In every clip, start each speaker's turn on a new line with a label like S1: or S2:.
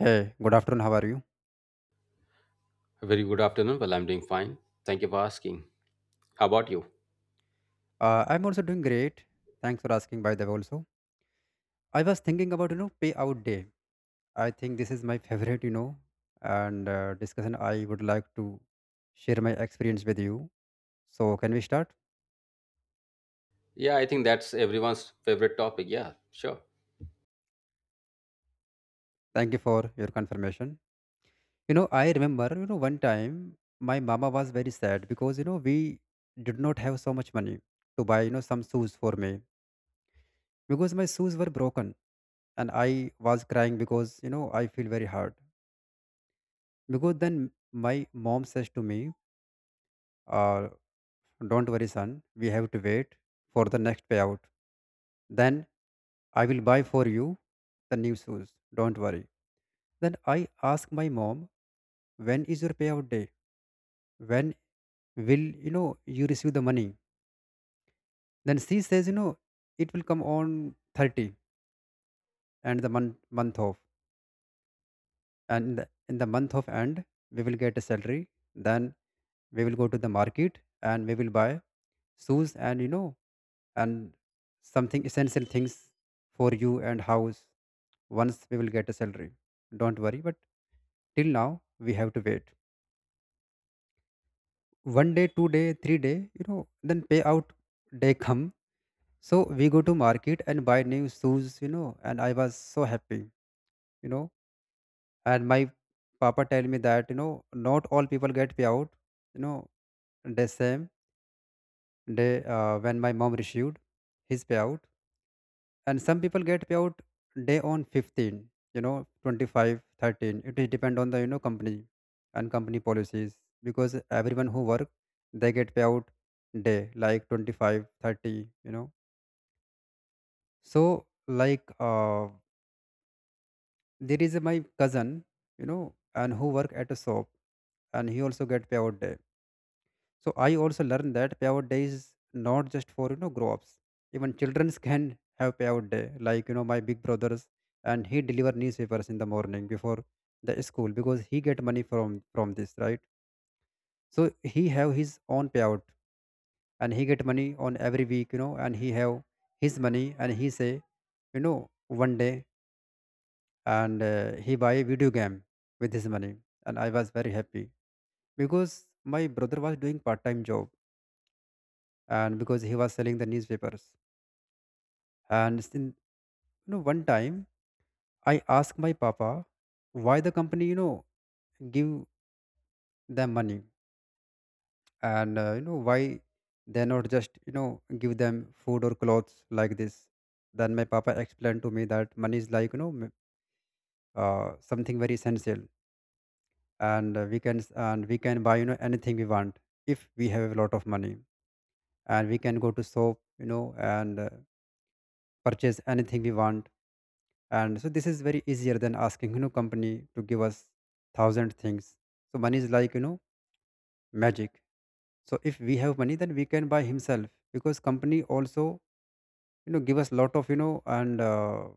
S1: Hey, good afternoon. How are you?
S2: A very good afternoon. Well, I'm doing fine. Thank you for asking. How about you?
S1: I'm also doing great. Thanks for asking, by the way, also. I was thinking about, payout day. I think this is my favorite, and discussion I would like to share my experience with you. So, can we start?
S2: Yeah, I think that's everyone's favorite topic. Yeah, sure.
S1: Thank you for your confirmation. I remember, one time my mama was very sad because, we did not have so much money to buy, some shoes for me because my shoes were broken, and I was crying because, I feel very hurt. Because then my mom says to me, uh, "Don't worry, son, we have to wait for the next payout. Then I will buy for you the new shoes. Don't worry." Then I ask my mom, "When is your payout day? When will you receive the money?" Then she says, "You know, it will come on 30 and the month off. And in the month of end, we will get a salary. Then we will go to the market and we will buy shoes, and and something essential things for you and house once we will get a salary. Don't worry, but till now we have to wait." One day, two day, three day, then payout day come. So we go to market and buy new shoes, and I was so happy, you know. And my papa tell me that, not all people get payout, you know, the same day when my mom received his payout, and some people get payout day on 15, you know, 25, 13. 13, it is depend on the, you know, company and company policies, because everyone who work, they get payout day like 25, 30, you know so like, there is a, my cousin, and who work at a shop, and he also get payout day. So I also learned that payout day is not just for, grow ups. Even childrens can have payout day. Like, my big brothers, and he deliver newspapers in the morning before the school, because he get money from this, right. So he have his own payout, and he get money on every week, and he have his money, and he say, one day, and he buy a video game with his money. And I was very happy because my brother was doing part time job and because he was selling the newspapers. And still, one time I asked my papa, why the company, give them money, and why they not just, give them food or clothes like this. Then my papa explained to me that money is like, something very essential, and we can, and we can buy, anything we want if we have a lot of money. And we can go to shop, you know, and purchase anything we want. And so this is very easier than asking, company to give us thousand things. So money is like, magic. So if we have money, then we can buy himself, because company also, give us lot of, you know and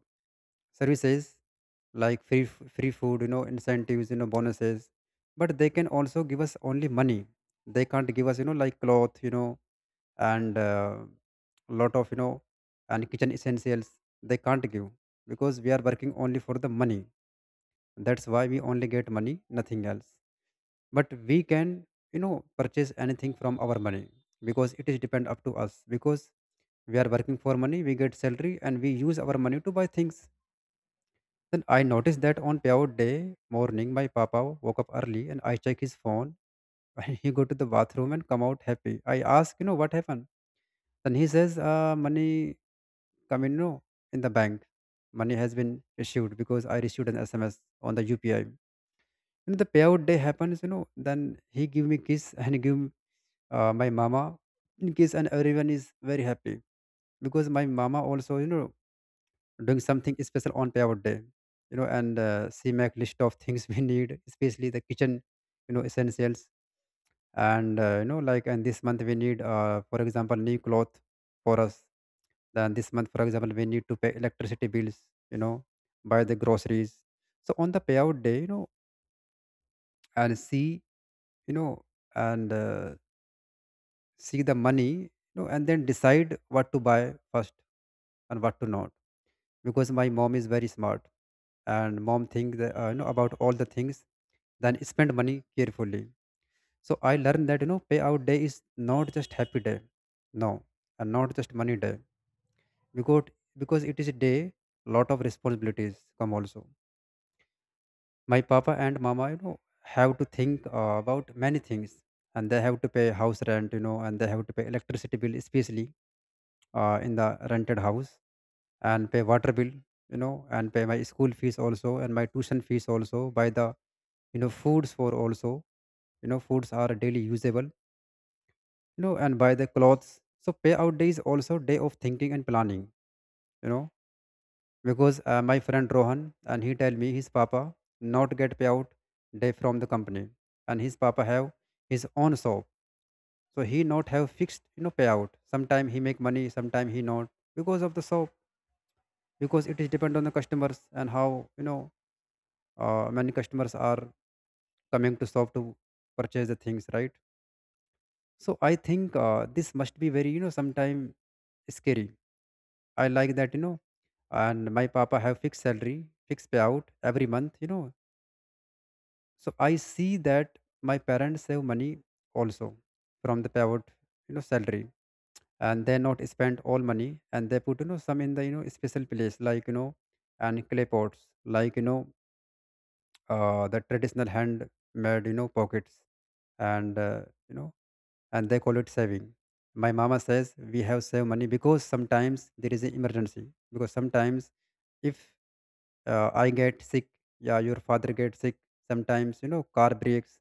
S1: services, like free food, incentives, bonuses. But they can also give us only money, they can't give us, like cloth, you know and lot of, and kitchen essentials, they can't give, because we are working only for the money. That's why we only get money, nothing else. But we can, purchase anything from our money, because it is depend up to us, because we are working for money, we get salary, and we use our money to buy things. Then I noticed that on payout day morning, my papa woke up early and I check his phone and he go to the bathroom and come out happy. I ask, what happened. Then he says, "Money come in, in the bank. Money has been issued, because I received an SMS on the UPI." And the payout day happens, then he give me kiss and give, my mama in kiss, and everyone is very happy. Because my mama also, doing something special on payout day, you know, and she make list of things we need, especially the kitchen, essentials. And, like, and this month we need, for example, new cloth for us. Then this month, for example, we need to pay electricity bills, you know, buy the groceries. So on the payout day, and see, you know, and see the money, and then decide what to buy first and what to not, because my mom is very smart, and mom think that, about all the things, then spend money carefully. So I learned that, payout day is not just happy day, no, and not just money day, because because it is a day lot of responsibilities come also. My papa and mama, have to think, about many things, and they have to pay house rent, and they have to pay electricity bill, especially in the rented house, and pay water bill, and pay my school fees also, and my tuition fees also, buy the, foods for also, foods are daily usable, and buy the clothes. So payout day is also day of thinking and planning, you know because, my friend Rohan, and he tell me his papa not get payout day from the company, and his papa have his own shop. So he not have fixed, payout, sometime he make money, sometime he not, because of the shop, because it is depend on the customers and how, you know many customers are coming to shop to purchase the things, right. So I think, this must be very, sometime scary. I like that, and my papa have fixed salary, fixed payout every month, so I see that my parents save money also, from the payout, salary, and they not spend all money, and they put, some in the, special place like, and clay pots, like, the traditional hand made, pockets, and uh, you know, and they call it saving. My mama says we have saved money because sometimes there is an emergency, because sometimes if, I get sick, yeah, your father gets sick, sometimes, car breaks,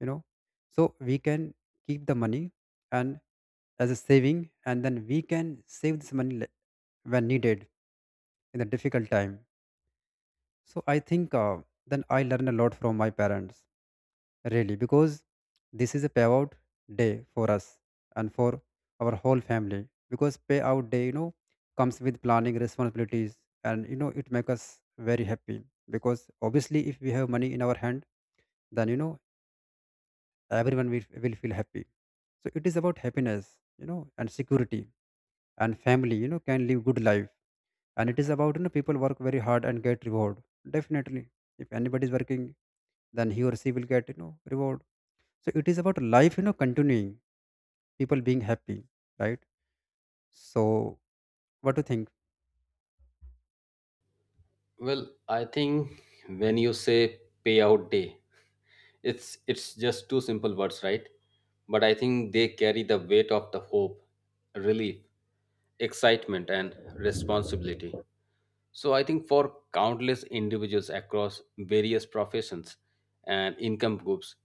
S1: you know so we can keep the money and as a saving, and then we can save this money when needed, in a difficult time. So I think, then I learn a lot from my parents, really, because this is a payout day for us and for our whole family. Because payout day, comes with planning responsibilities, and, it makes us very happy, because obviously if we have money in our hand, then, everyone will feel happy. So it is about happiness, and security, and family, can live good life. And it is about, people work very hard and get reward, definitely. If anybody is working, then he or she will get, reward. So it is about life, continuing, people being happy, right? So what do you think?
S2: Well, I think when you say payout day, it's just two simple words, right? But I think they carry the weight of the hope, relief, excitement, and responsibility. So I think for countless individuals across various professions and income groups,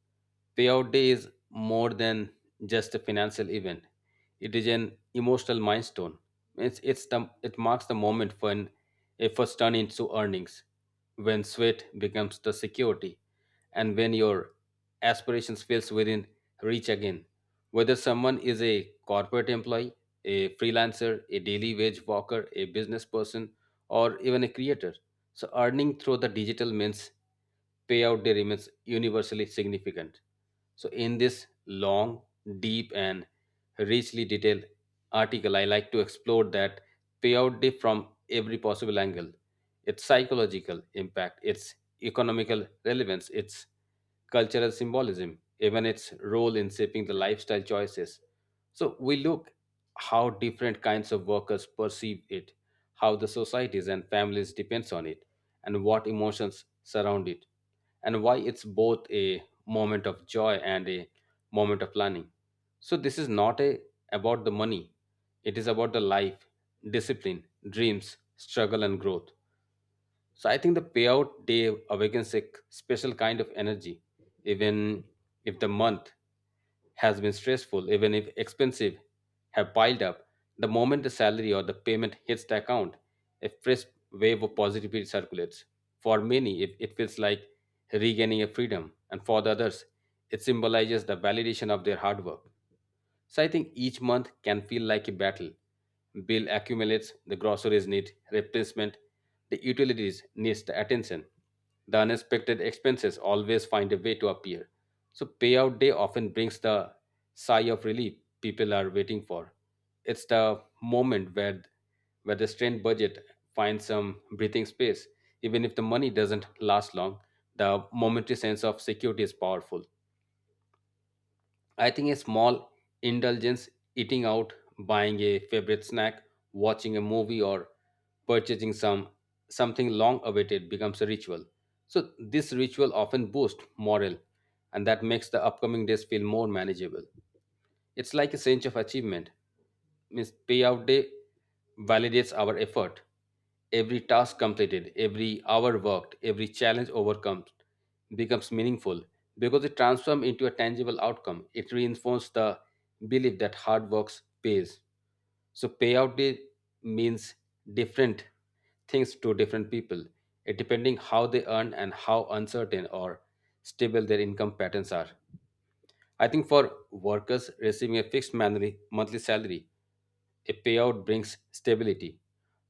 S2: payout day is more than just a financial event. It is an emotional milestone. It marks the moment when efforts turn into earnings, when sweat becomes the security, and when your aspirations feels within reach again. Whether someone is a corporate employee, a freelancer, a daily wage worker, a business person, or even a creator. So earning through the digital means payout day remains universally significant. So in this long, deep and richly detailed article, I like to explore that payout day from every possible angle. Its psychological impact, its economical relevance, its cultural symbolism, even its role in shaping the lifestyle choices. So we look how different kinds of workers perceive it, how the societies and families depends on it, and what emotions surround it, and why it's both a moment of joy and a moment of learning. So this is not a about the money. It is about the life, discipline, dreams, struggle and growth. So I think the payout day awakens a special kind of energy, even if the month has been stressful, even if expensive have piled up. The moment the salary or the payment hits the account, a fresh wave of positivity circulates. For many, it feels like regaining a freedom, and for the others, it symbolizes the validation of their hard work. So I think each month can feel like a battle. Bill accumulates, the groceries need replacement, the utilities needs the attention. The unexpected expenses always find a way to appear. So payout day often brings the sigh of relief people are waiting for. It's the moment where the strained budget finds some breathing space. Even if the money doesn't last long, the momentary sense of security is powerful. I think a small indulgence, eating out, buying a favorite snack, watching a movie, or purchasing something long awaited becomes a ritual. So this ritual often boosts morale and that makes the upcoming days feel more manageable. It's like a sense of achievement. Means payout day validates our effort. Every task completed, every hour worked, every challenge overcome becomes meaningful because it transforms into a tangible outcome. It reinforces the belief that hard work pays. So payout day means different things to different people, it depending how they earn and how uncertain or stable their income patterns are. I think for workers receiving a fixed monthly salary, a payout brings stability.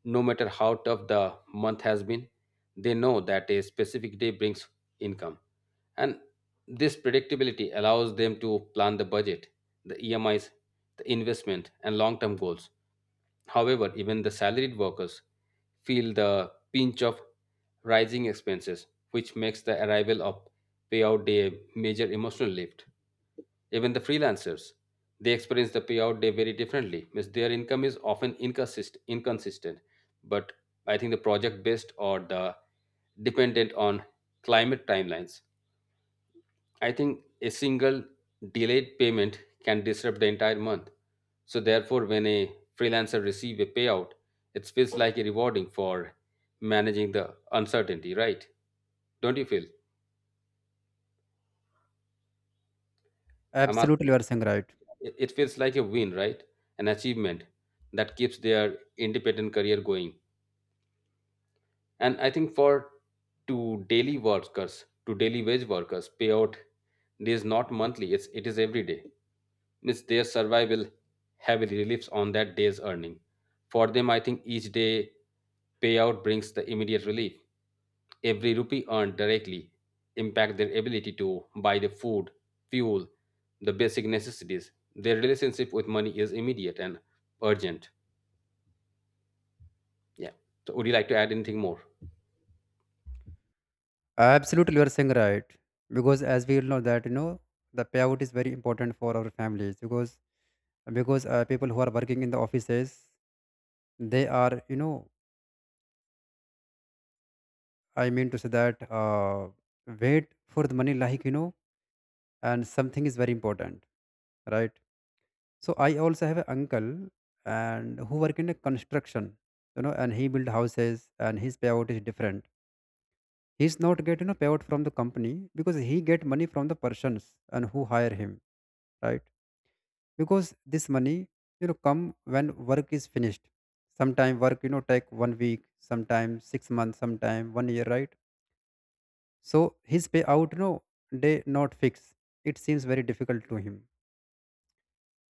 S2: No matter how tough the month has been, they know that a specific day brings income. And this predictability allows them to plan the budget, the EMIs, the investment, and long term goals. However, even the salaried workers feel the pinch of rising expenses, which makes the arrival of payout day a major emotional lift. Even the freelancers, they experience the payout day very differently. Means their income is often inconsistent. But I think the project based or the dependent on climate timelines. I think a single delayed payment can disrupt the entire month. So therefore, when a freelancer receive a payout, it feels like a rewarding for managing the uncertainty, right? Don't you feel? I'm
S1: Absolutely,
S2: asking.
S1: you are saying right.
S2: It feels like a win, right? An achievement that keeps their independent career going. And I think for to daily workers, to daily wage workers, payout is not monthly, it is every day. Means their survival heavily relies on that day's earning. For them, I think each day payout brings the immediate relief. Every rupee earned directly impact their ability to buy the food, fuel, the basic necessities. Their relationship with money is immediate and urgent. Yeah. So would you like to add anything more?
S1: Absolutely, you are saying right, because as we all know that, the payout is very important for our families, because people who are working in the offices, they are, I mean to say that, wait for the money, like, and something is very important, right? So I also have an uncle, and who work in a construction, and he build houses, and his payout is different. He's not getting a payout from the company, because he get money from the persons and who hire him, right? Because this money, come when work is finished. Sometime work, take one week, sometime 6 months, sometime one year, right? So his payout, they not fix. It seems very difficult to him.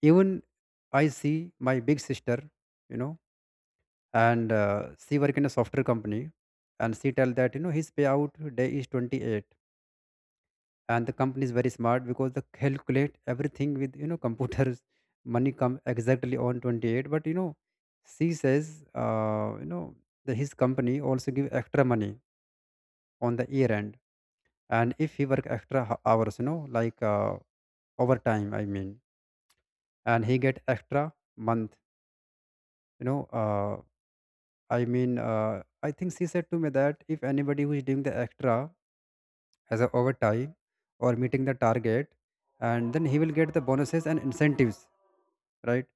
S1: Even I see my big sister, you know and she work in a software company and she tell that you know his payout day is 28, and the company is very smart because they calculate everything with you know computers. Money come exactly on 28, but you know she says you know his company also give extra money on the year end. And if he work extra hours you know like overtime I mean, and he get extra month, you know I think she said to me that if anybody who is doing the extra as a overtime or meeting the target, and then he will get the bonuses and incentives, right?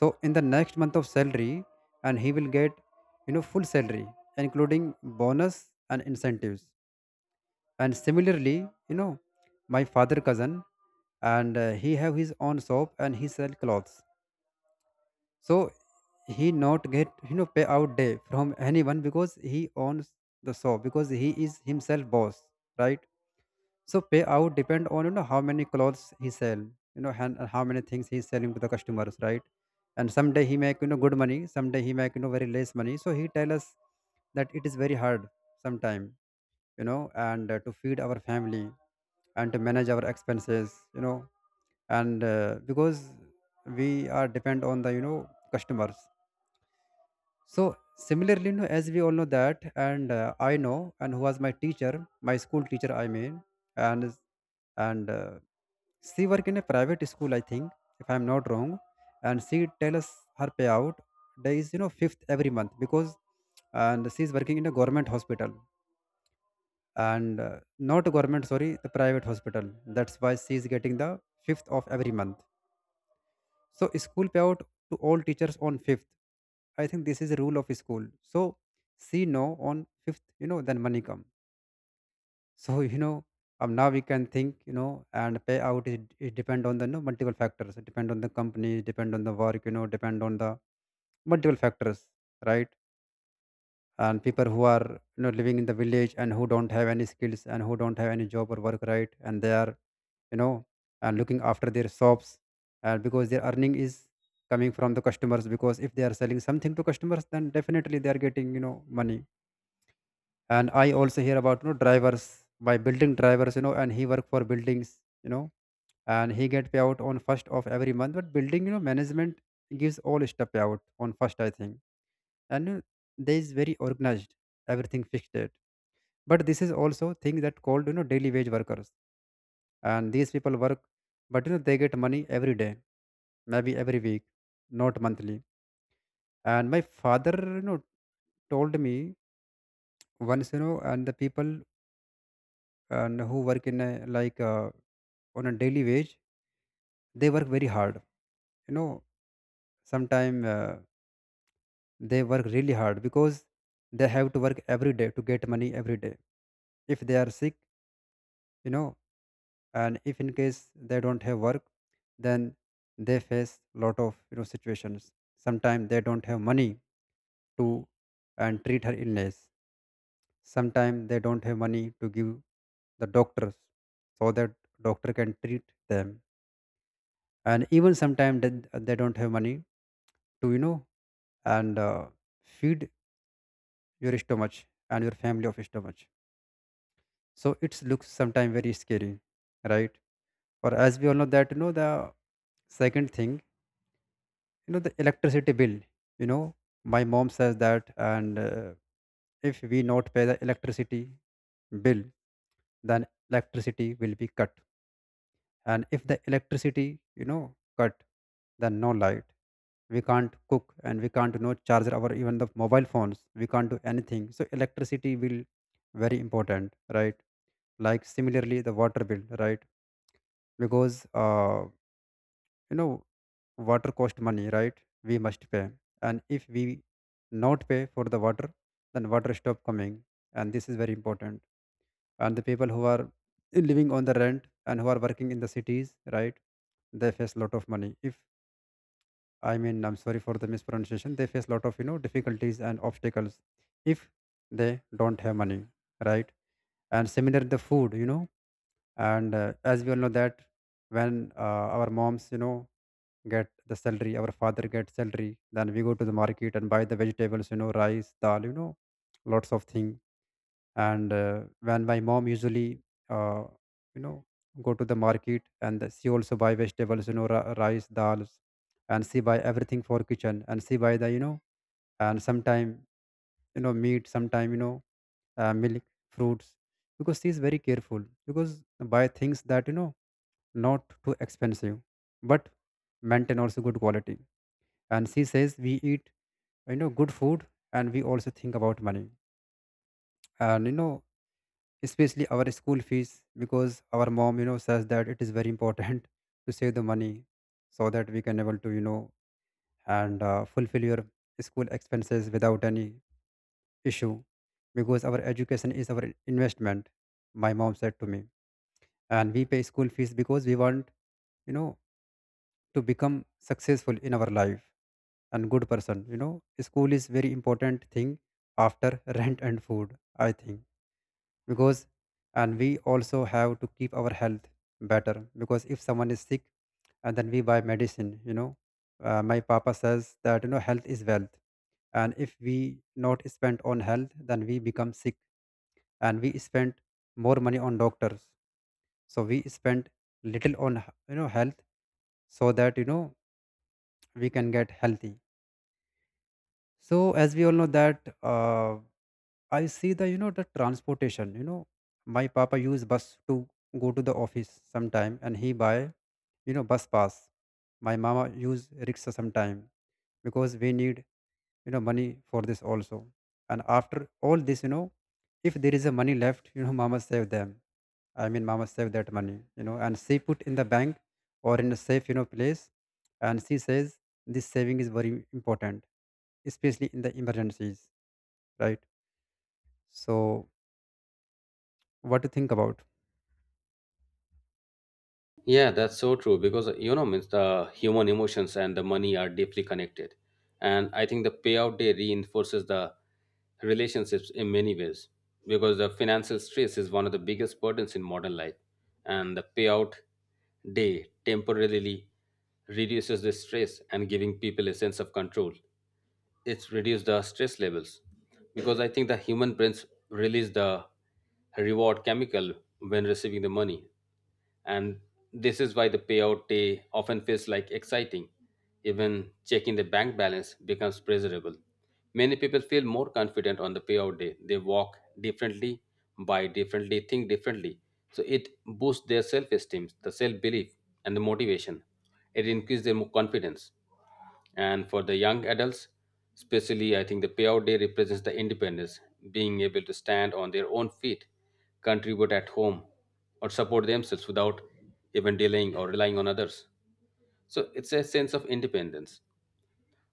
S1: So in the next month of salary, and he will get you know full salary including bonus and incentives. And similarly, you know, my father cousin, and he have his own shop and he sell clothes. So he not get you know pay out day from anyone because he owns the shop, because he is himself boss, right? So payout depend on you know how many clothes he sell, you know, and how many things he's selling to the customers, right? And someday he make you know good money, someday he make you know very less money. So he tell us that it is very hard sometime, you know, and to feed our family and to manage our expenses, you know, and because we are depend on the you know customers. So similarly, you know, as we all know that, and I know, and who was my teacher, my school teacher, I mean, and and she work in a private school, I think, if I'm not wrong, and she tell us her payout day is you know fifth every month because, and she is working in a government hospital and not government, sorry, the private hospital. That's why she is getting the fifth of every month. So school payout to all teachers on fifth. I think this is a rule of school. So see no on fifth, you know, then money come. So you know, now we can think, you know, and payout is it depend on the you know multiple factors. It depend on the company, depend on the work, you know, depend on the multiple factors, right? And people who are you know living in the village and who don't have any skills and who don't have any job or work, right, and they are you know and looking after their shops, and because their earning is coming from the customers, because if they are selling something to customers, then definitely they are getting you know money. And I also hear about you know drivers, by building drivers, you know, and he work for buildings, you know, and he get payout on first of every month. But building you know management gives all stuff payout on first, I think, and you know, they is very organized, everything fixed. But this is also thing that called you know daily wage workers, and these people work, but you know they get money every day, maybe every week, not monthly. And my father you know told me once, you know, and the people and who work in a, like on a daily wage, they work very hard, you know, sometimes they work really hard because they have to work every day to get money every day. If they are sick, you know, and if in case they don't have work, then they face lot of you know situations. Sometimes they don't have money to and treat her illness. Sometimes they don't have money to give the doctors, so that doctor can treat them. And even sometimes they don't have money to you know and feed your stomach and your family of stomach. So it looks sometimes very scary, right? Or as we all know that you know the second thing, you know, the electricity bill, you know, my mom says that and if we not pay the electricity bill, then electricity will be cut. And if the electricity you know cut, then no light, we can't cook and we can't no know charge our even the mobile phones, we can't do anything. So electricity will very important, right? Like similarly the water bill, right? Because you know water cost money, right? We must pay. And if we not pay for the water, then water stop coming. And this is very important. And the people who are living on the rent and who are working in the cities, right, they face a lot of money if, I mean, I'm sorry for the mispronunciation, they face a lot of you know difficulties and obstacles if they don't have money, right? And similar the food, you know, and as we all know that, when our moms you know get the salary, our father gets salary, then we go to the market and buy the vegetables, you know, rice, dal, you know, lots of thing. And when my mom usually uh, you know go to the market, and she also buy vegetables, you know, rice, dals, and she buy everything for kitchen, and she buy the you know and sometime you know meat, sometime you know milk, fruits, because she is very careful, because buy things that you know not too expensive but maintain also good quality. And she says we eat you know good food, and we also think about money, and you know especially our school fees, because our mom you know says that it is very important to save the money, so that we can able to you know and fulfill your school expenses without any issue. Because our education is our investment, my mom said to me, and we pay school fees because we want you know to become successful in our life and good person, you know. School is very important thing after rent and food, I think, because and we also have to keep our health better, because if someone is sick, and then we buy medicine, you know. My papa says that you know health is wealth, and if we not spend on health, then we become sick, and we spend more money on doctors. So we spend little on you know health, so that you know we can get healthy. So as we all know that I see the you know the transportation. You know, my papa use bus to go to the office sometime, and he buy you know bus pass. My mama use rickshaw sometime because we need you know money for this also. And after all this, you know, if there is a money left, you know, mama save them. I mean, mama save that money, you know, and she put in the bank or in a safe you know place, and she says this saving is very important, especially in the emergencies, right? So, what do you think about?
S2: Yeah, that's so true because means the human emotions and the money are deeply connected. And I think the payout day reinforces the relationships in many ways because the financial stress is one of the biggest burdens in modern life. And the payout day temporarily reduces the stress and giving people a sense of control, it's reduce the stress levels because I think the human brains release the reward chemical when receiving the money, and this is why the payout day often feels like exciting, even checking the bank balance becomes pleasurable. Many people feel more confident on the payout day, they walk differently, buy differently, think differently. So it boosts their self-esteem, the self-belief, and the motivation. It increases their confidence. And for the young adults, especially, I think the payout day represents the independence, being able to stand on their own feet, contribute at home, or support themselves without even delaying or relying on others. So it's a sense of independence.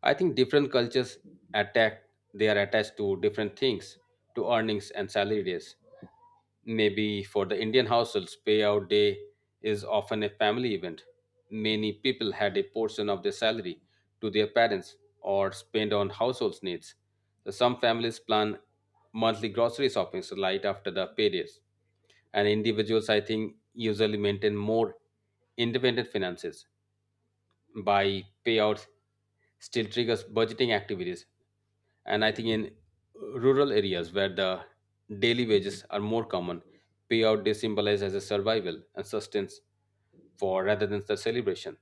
S2: I think different cultures attack they are attached to different things, to earnings and salary days. Maybe for the Indian households, payout day is often a family event. Many people had a portion of their salary to their parents or spent on household needs. So some families plan monthly grocery shopping right after the paydays. And individuals, I think, usually maintain more independent finances by payouts still triggers budgeting activities. And I think in rural areas where the daily wages are more common, payout they symbolize as a survival and sustenance for rather than the celebration.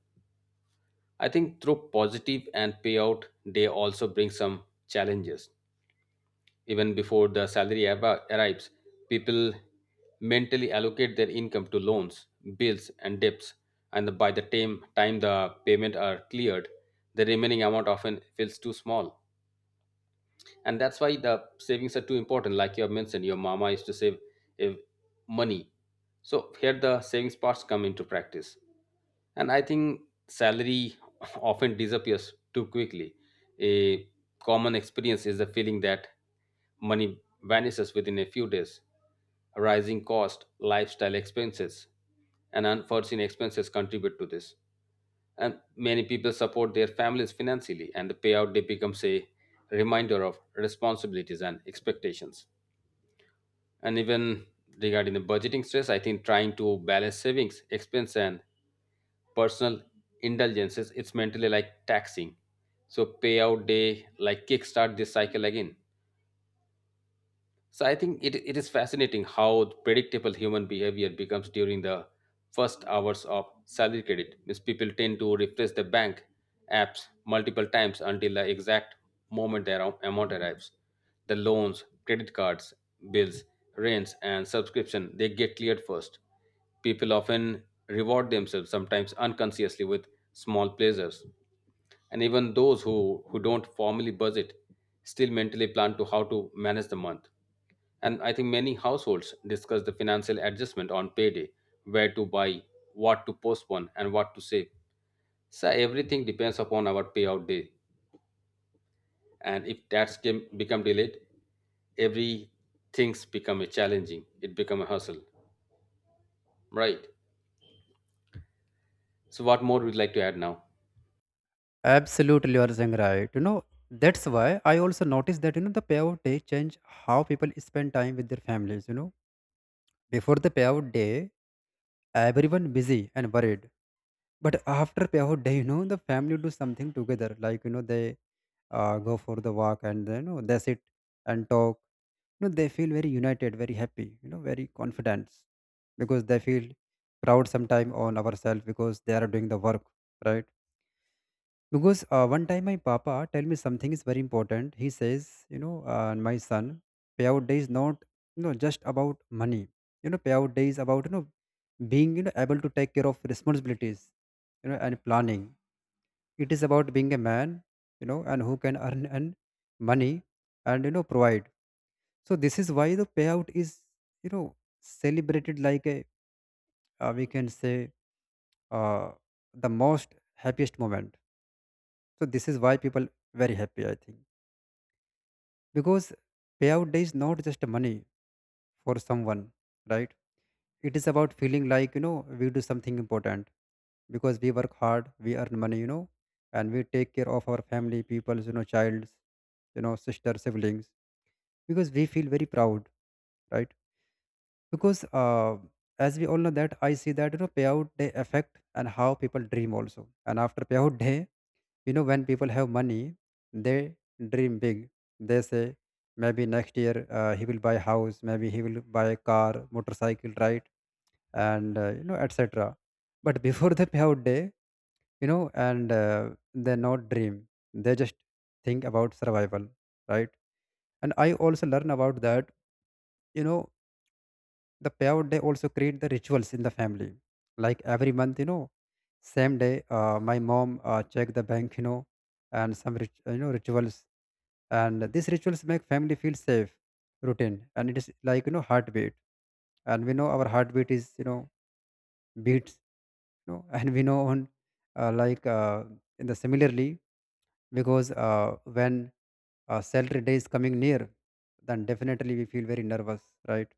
S2: I think through positive and payout, they also bring some challenges. Even before the salary arrives, people mentally allocate their income to loans, bills, and debts. And by the time the payment are cleared, the remaining amount often feels too small, and that's why the savings are too important, like you have mentioned your mama used to save eh, money. So here the savings parts come into practice, and I think salary often disappears too quickly. A common experience is the feeling that money vanishes within a few days. Rising cost, lifestyle expenses, and unforeseen expenses contribute to this, and many people support their families financially, and the payout day becomes a reminder of responsibilities and expectations. And even regarding the budgeting stress, I think trying to balance savings, expense, and personal indulgences, it's mentally like taxing. So payout day like kickstart this cycle again. So I think it is fascinating how predictable human behavior becomes during the first hours of salary credit. Means people tend to refresh the bank apps multiple times until the exact moment their amount arrives. The loans, credit cards, bills, rents, and subscription they get cleared first. People often reward themselves, sometimes unconsciously, with small pleasures. And even those who don't formally budget still mentally plan to how to manage the month. And I think many households discuss the financial adjustment on payday, where to buy, what to postpone, and what to save. So everything depends upon our payout day, and if that's game become delayed, every things become a challenging, it become a hustle, right? So what more would you like to add now?
S1: Absolutely, you are saying right. You know, that's why I also noticed that, you know, the payout day change how people spend time with their families, you know. Before the payout day, everyone busy and worried. But after payout day, you know, the family do something together. Like, you know, they go for the walk, and, you know, they sit and talk. You know, they feel very united, very happy, you know, very confident, because they feel proud sometime on ourselves because they are doing the work, right? Because one time my papa tell me something is very important. He says, you know, my son, payout day is not, you know, just about money. You know, payout day is about, you know, being, you know, able to take care of responsibilities, you know, and planning. It is about being a man, you know, and who can earn and money and, you know, provide. So this is why the payout is, you know, celebrated like a we can say, uh, the most happiest moment. So this is why people very happy, I think. Because payout day is not just money for someone, right? It is about feeling like you know we do something important, because we work hard, we earn money, you know, and we take care of our family peoples, you know, childs, you know, sister, siblings, because we feel very proud, right? Because as we all know that, I see that you know payout day affect and how people dream also. And after payout day, you know, when people have money, they dream big. They say, maybe next year he will buy a house, maybe he will buy a car, motorcycle, right? And, you know, etc. But before the payout day, you know, and they not dream. They just think about survival, right? And I also learn about that, you know, the payout day also create the rituals in the family. Like every month, you know, same day, my mom check the bank, you know, and some you know rituals, and these rituals make family feel safe, routine, and it is like you know heartbeat, and we know our heartbeat is you know beats, you know, and we know on uh, like uh, in the similarly, because when salary day is coming near, then definitely we feel very nervous, right?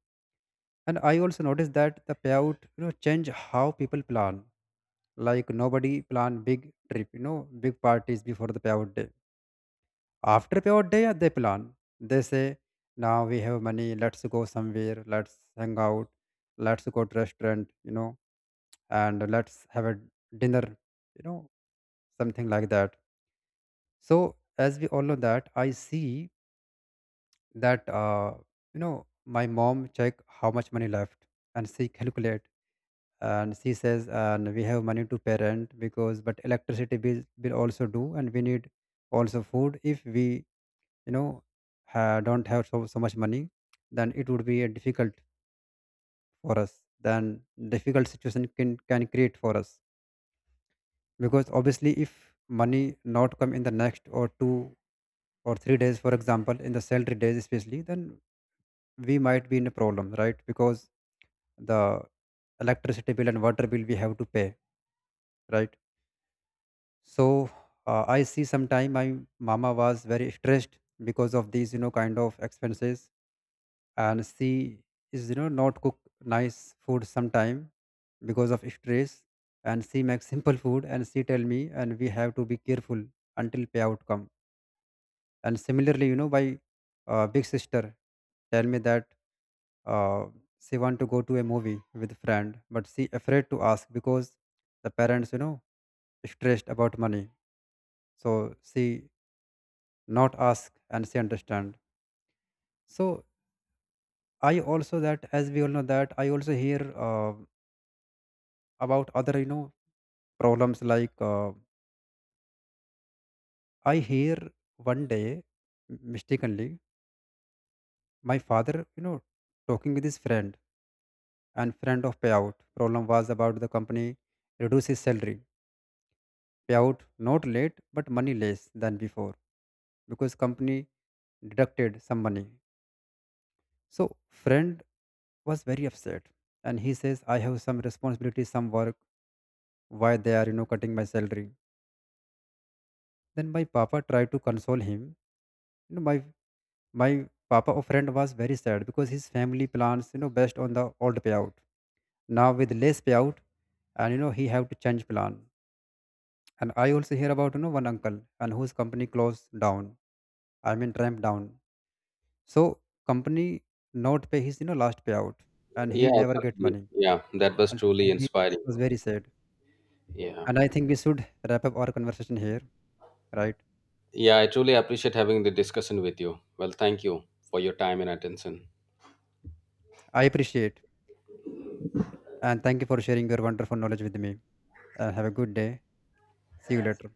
S1: And I also noticed that the payout you know change how people plan, like nobody plan big trip, you know, big parties before the payout day. After payout day, yeah, they plan, they say now we have money, let's go somewhere, let's hang out, let's go to restaurant, you know, and let's have a dinner, you know, something like that. So as we all know that I see that you know my mom check how much money left, and she calculate, and she says and we have money to pay rent, because but electricity bill will also do, and we need also food. If we you know don't have so much money, then it would be a difficult for us, then difficult situation can create for us. Because obviously if money not come in the next or two or three days for example in the salary days especially, then we might be in a problem, right? Because the electricity bill and water bill we have to pay, right? So I see sometime my mama was very stressed because of these you know kind of expenses, and she is you know not cook nice food sometime because of stress. And she makes simple food, and she tell me and we have to be careful until payout come. And similarly, you know, my big sister tell me that uh, she want to go to a movie with friend, but she afraid to ask because the parents you know stressed about money. So she not ask and say understand. So I also that as we all know that I also hear about other you know problems like I hear one day mistakenly my father you know talking with his friend, and friend of payout problem was about the company reduce his salary, payout not late but money less than before, because company deducted some money. So friend was very upset, and he says I have some responsibility, some work, why they are you know cutting my salary. Then my papa tried to console him, you know, my papa or friend was very sad because his family plans you know based on the old payout, now with less payout, and you know he have to change plan. And I also hear about you know one uncle and whose company closed down, I mean ramp down. So company not pay his you know last payout, and he
S2: Yeah,
S1: never get
S2: absolutely,
S1: money.
S2: yeah, that was
S1: And
S2: truly
S1: he
S2: inspiring.
S1: was very sad.
S2: Yeah.
S1: And I think we should wrap up our conversation here, right?
S2: Yeah, I truly appreciate having the discussion with you. Well, thank you for your time and attention.
S1: I appreciate. And thank you for sharing your wonderful knowledge with me. Have a good day. See you later.